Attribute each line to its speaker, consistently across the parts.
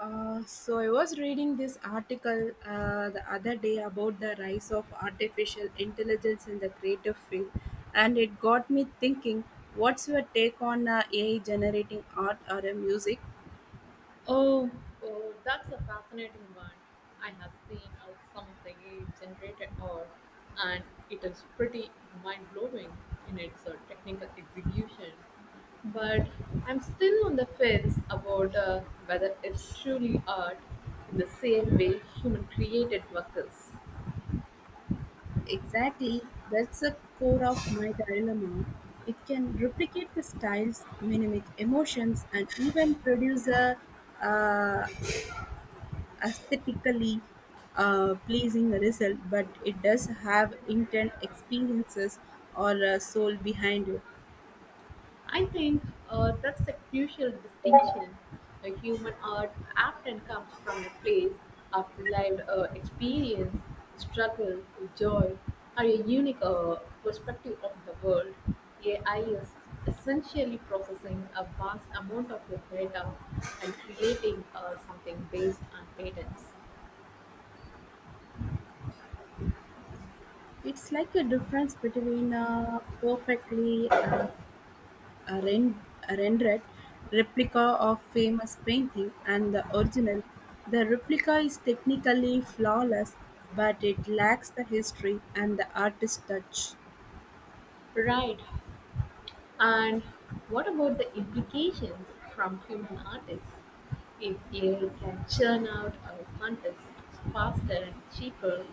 Speaker 1: So I was reading this article the other day about the rise of artificial intelligence in the creative field, and it got me thinking. What's your take on AI generating art or music?
Speaker 2: Oh, oh, that's a fascinating one. I have seen some of the AI generated art, and it is pretty mind blowing in its technical execution. But I'm still on the fence about whether it's truly art in the same way human created work is.
Speaker 1: Exactly, that's the core of my dilemma. It can replicate the styles, mimic emotions, and even produce a uh, aesthetically pleasing result, but it does have intent experiences or a soul behind it.
Speaker 2: I think that's a crucial distinction. The human art often comes from a place of lived experience, struggle, joy, or a unique perspective of the world. AI is essentially processing a vast amount of your data and creating something based on patterns.
Speaker 1: It's like a difference between a perfectly a rendered replica of famous painting and the original. The replica is technically flawless, but it lacks the history and the artist touch.
Speaker 2: Right. And what about the implications from human artists? If AI can churn out our content faster and cheaper,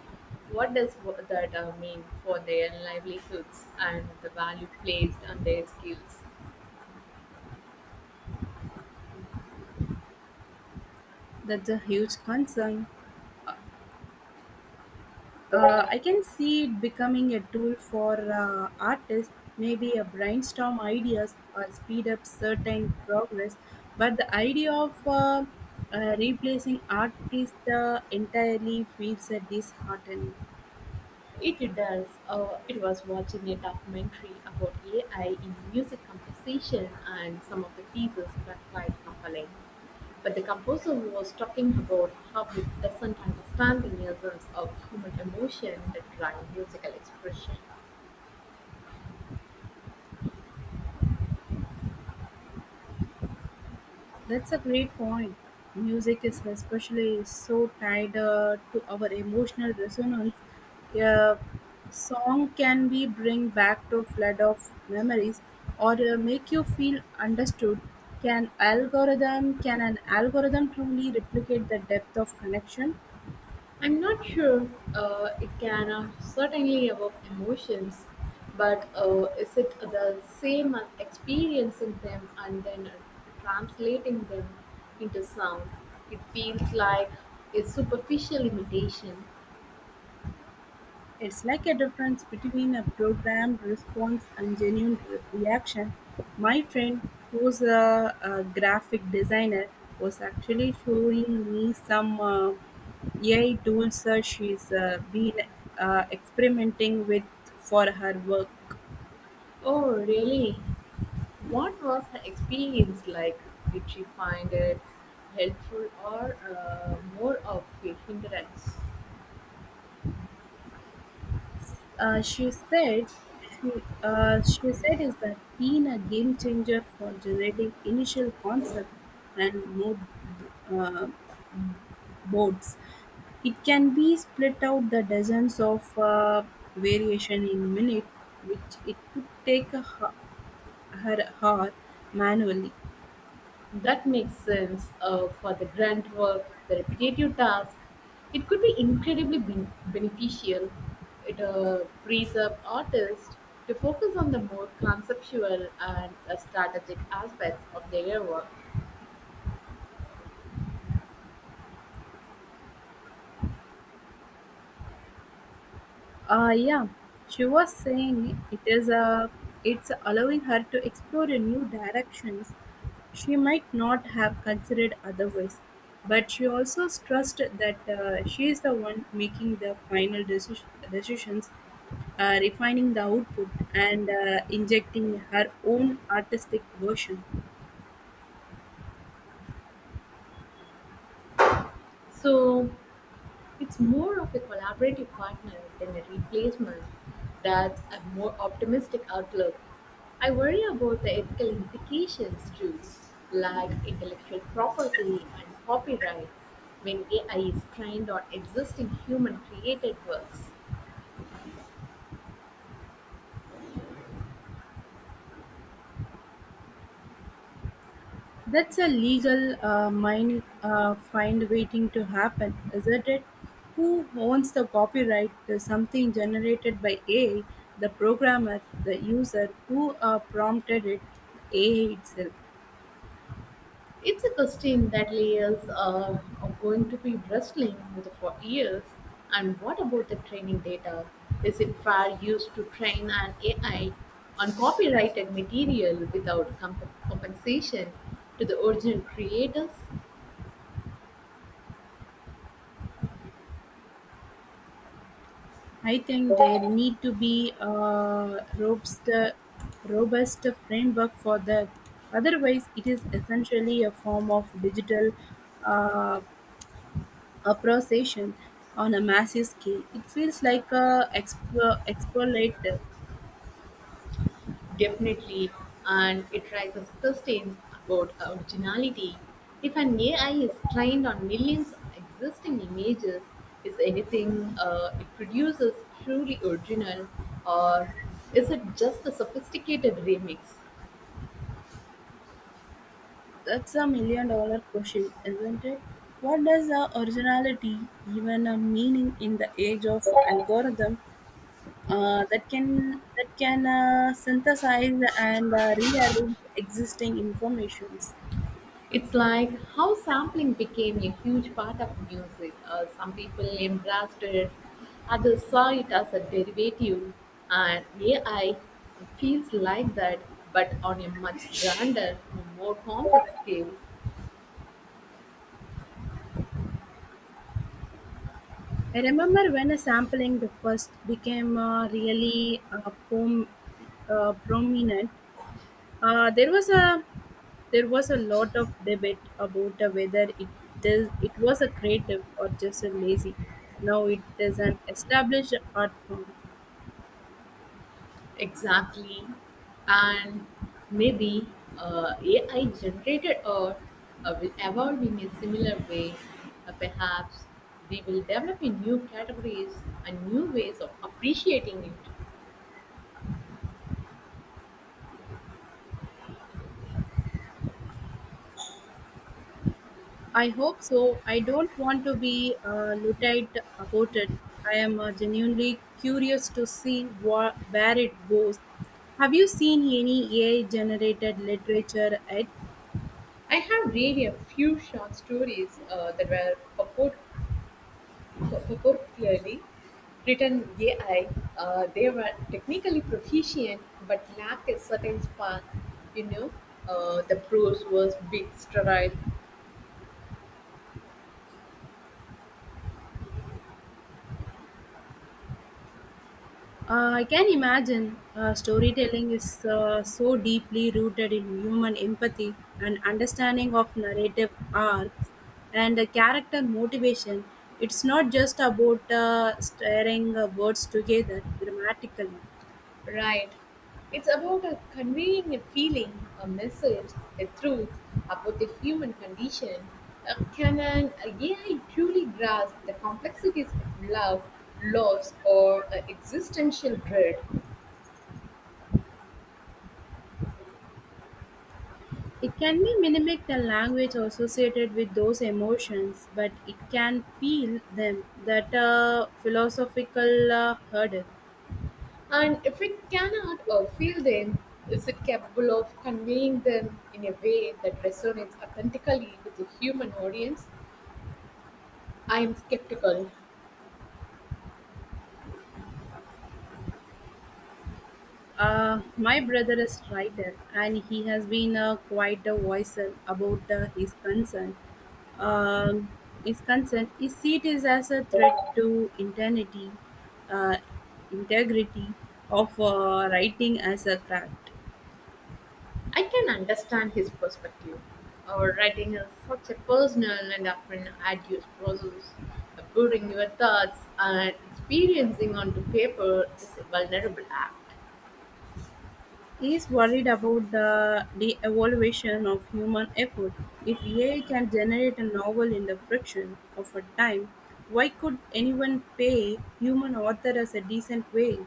Speaker 2: what does that mean for their livelihoods and the value placed on their skills?
Speaker 1: That's a huge concern. I can see it becoming a tool for artists, maybe a brainstorm ideas or speed up certain progress. But the idea of replacing artists entirely feels disheartening.
Speaker 2: It does. It was watching a documentary about AI in music composition, and some of the pieces were quite compelling. But the composer was talking about how it doesn't understand the nuances of human emotion that drive musical expression.
Speaker 1: That's a great point. Music is especially so tied to our emotional resonance. A song can be bring back to flood of memories or make you feel understood. Can an algorithm truly replicate the depth of connection?
Speaker 2: I'm not sure. It can certainly evoke emotions, but is it the same as experiencing them and then translating them into sound? It feels like a superficial imitation.
Speaker 1: It's like a difference between a programmed response and genuine reaction. My friend, who's a graphic designer, was actually showing me some AI tools she's been experimenting with for her work.
Speaker 2: Oh, really? What was the experience like? Did she find it helpful or more of a hindrance?
Speaker 1: Uh, she said she, she said is that been a game changer for generating initial concept and mode uh, boards. It can be split out the dozens of variation in minute, which it could take her hour manually.
Speaker 2: That makes sense for the grunt work, the repetitive task. It could be incredibly beneficial. It frees up artists to focus on the more conceptual and strategic aspects of their work.
Speaker 1: Yeah, she was saying it's allowing her to explore a new directions she might not have considered otherwise. But she also stressed that she is the one making the final decisions, refining the output, and injecting her own artistic version.
Speaker 2: So, it's more of a collaborative partner than a replacement. That's a more optimistic outlook. I worry about the ethical implications too, like intellectual property and copyright when AI is trained on existing human created works.
Speaker 1: That's a legal mine find waiting to happen, isn't it? Who owns the copyright to something generated by AI? The programmer, the user who prompted it, the AI itself.
Speaker 2: It's a costume that layers are going to be wrestling with for years. And what about the training data? Is it fair used to train an AI on copyrighted material without compensation to the original creators?
Speaker 1: I think there need to be a robust framework for that. Otherwise, it is essentially a form of digital uh, a procession on a massive scale. It feels like a explorative.
Speaker 2: Definitely, and it raises questions about originality. If an AI is trained on millions of existing images, is anything it produces truly original, or is it just a sophisticated remix?
Speaker 1: That's a million dollar question, isn't it? What does originality even meaning in the age of algorithm that can synthesize and rearrange existing informations?
Speaker 2: It's like how sampling became a huge part of music. Some people embraced it, others saw it as a derivative, and AI feels like that, but on a much grander, more complex scale.
Speaker 1: I remember when a sampling the first became really prominent. Uh, there was a there was a lot of debate about whether it was a creative or just a lazy. Now it is an established art form.
Speaker 2: Exactly. And maybe AI generated art will evolve in a similar way. Perhaps we will develop a new categories and new ways of appreciating it.
Speaker 1: I hope so. I don't want to be luddite about it. I am genuinely curious to see where it goes. Have you seen any AI generated literature yet?
Speaker 2: I have read a few short stories that were purportedly written AI. They were technically proficient but lacked a certain spark. You know, the prose was bit sterile.
Speaker 1: I can imagine storytelling is so deeply rooted in human empathy and understanding of narrative arcs and character motivation. It's not just about staring words together grammatically.
Speaker 2: Right. It's about conveying a feeling, a message, a truth about the human condition. Can an AI truly grasp the complexities of love, loss, or existential dread?
Speaker 1: It can be mimic the language associated with those emotions, but it can feel them that philosophical hurdle.
Speaker 2: And if it cannot feel them, is it capable of conveying them in a way that resonates authentically with the human audience? I am skeptical.
Speaker 1: My brother is writer, and he has been quite a vocal about his concern. Um, his seat is as a threat to integrity, uh, integrity of writing as a craft.
Speaker 2: I can understand his perspective. Our writing is such a personal and often arduous process. Putting your thoughts and experiencing onto paper is a vulnerable act.
Speaker 1: He is worried about the de-evaluation of human effort. If AI can generate a novel in the fraction of a time, why could anyone pay human author as a decent wage?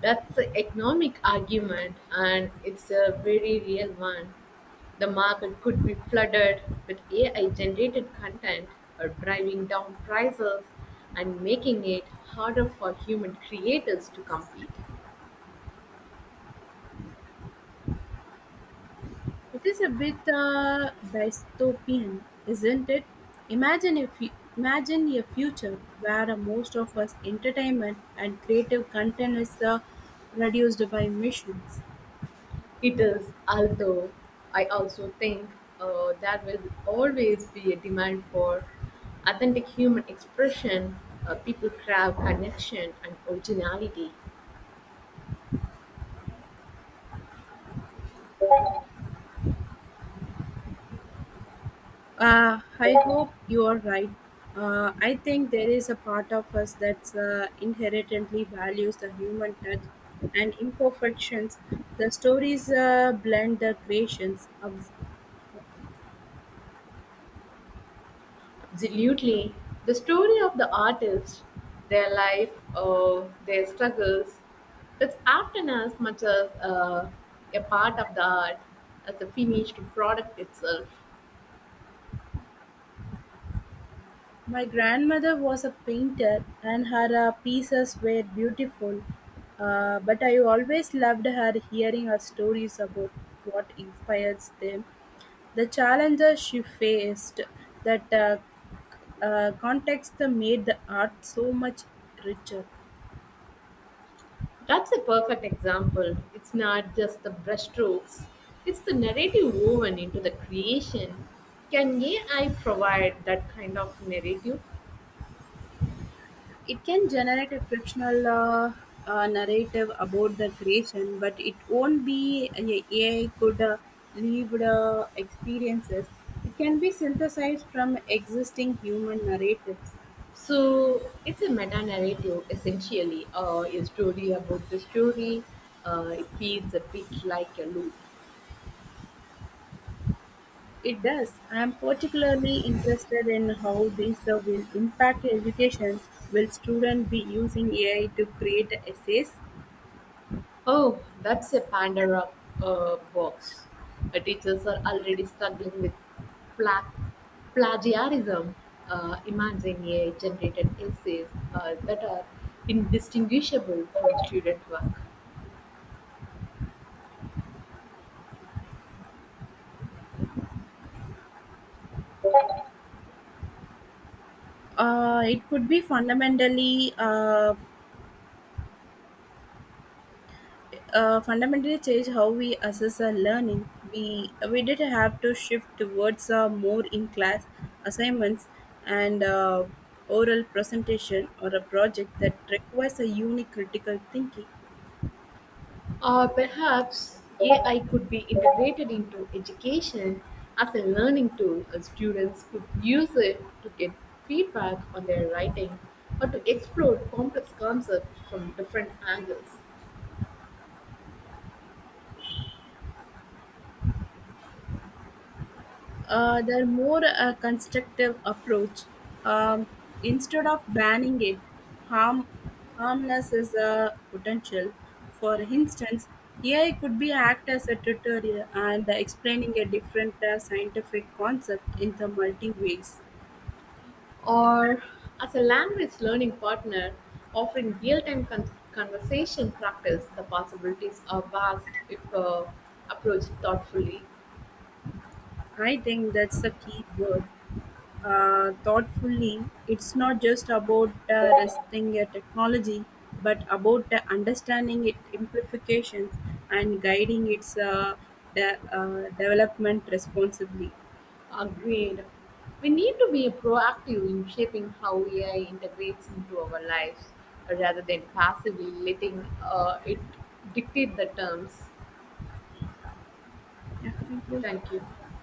Speaker 2: That's the economic argument, and it's a very real one. The market could be flooded with AI generated content or driving down prices and making it harder for human creators to compete.
Speaker 1: It is a bit dystopian, isn't it? Imagine if you, imagine a future where most of us entertainment and creative content is reduced by machines.
Speaker 2: It is, although I also think there will always be a demand for authentic human expression, people crave connection and originality.
Speaker 1: I hope you are right. I think there is a part of us that's inherently values the human touch and imperfections. The stories blend the creations, obs-
Speaker 2: Absolutely. The story of the artist, their life, their struggles, it's often as much as a part of the art as the finished product itself.
Speaker 1: My grandmother was a painter, and her pieces were beautiful. But I always loved her hearing her stories about what inspires them, the challenges she faced, that context that made the art so much richer.
Speaker 2: That's a perfect example. It's not just the brushstrokes, it's the narrative woven into the creation. Can AI provide that kind of narrative?
Speaker 1: It can generate a fictional narrative about the creation, but it won't be a AI could lived experiences. It can be synthesized from existing human narratives.
Speaker 2: So it's a meta narrative essentially, a story about the story. It feels a bit like a loop.
Speaker 1: It does. I am particularly interested in how this will impact education. Will students be using AI to create essays?
Speaker 2: Oh, that's a Pandora box. Teachers are already struggling with pla- plagiarism. Imagine AI generated essays that are indistinguishable from student work.
Speaker 1: It could be fundamentally change how we assess our learning. We did have to shift towards more in class assignments and oral presentation or a project that requires a unique critical thinking.
Speaker 2: Or perhaps AI could be integrated into education as a learning tool, and students could use it to get feedback on their writing or to explore complex concepts from different angles.
Speaker 1: They're more a constructive approach. Um, Instead of banning it, harm harmless is a potential. For instance, AI could be act as a tutorial and explaining a different scientific concept in the multi ways.
Speaker 2: Or as a language learning partner, offering real time conversation practice, the possibilities are vast if approached thoughtfully.
Speaker 1: I think that's a key word. Thoughtfully, it's not just about resisting a technology, but about understanding its implications and guiding its development responsibly.
Speaker 2: Agreed. We need to be proactive in shaping how AI integrates into our lives rather than passively letting it dictate the terms.
Speaker 1: Yeah, thank you.
Speaker 2: Thank you.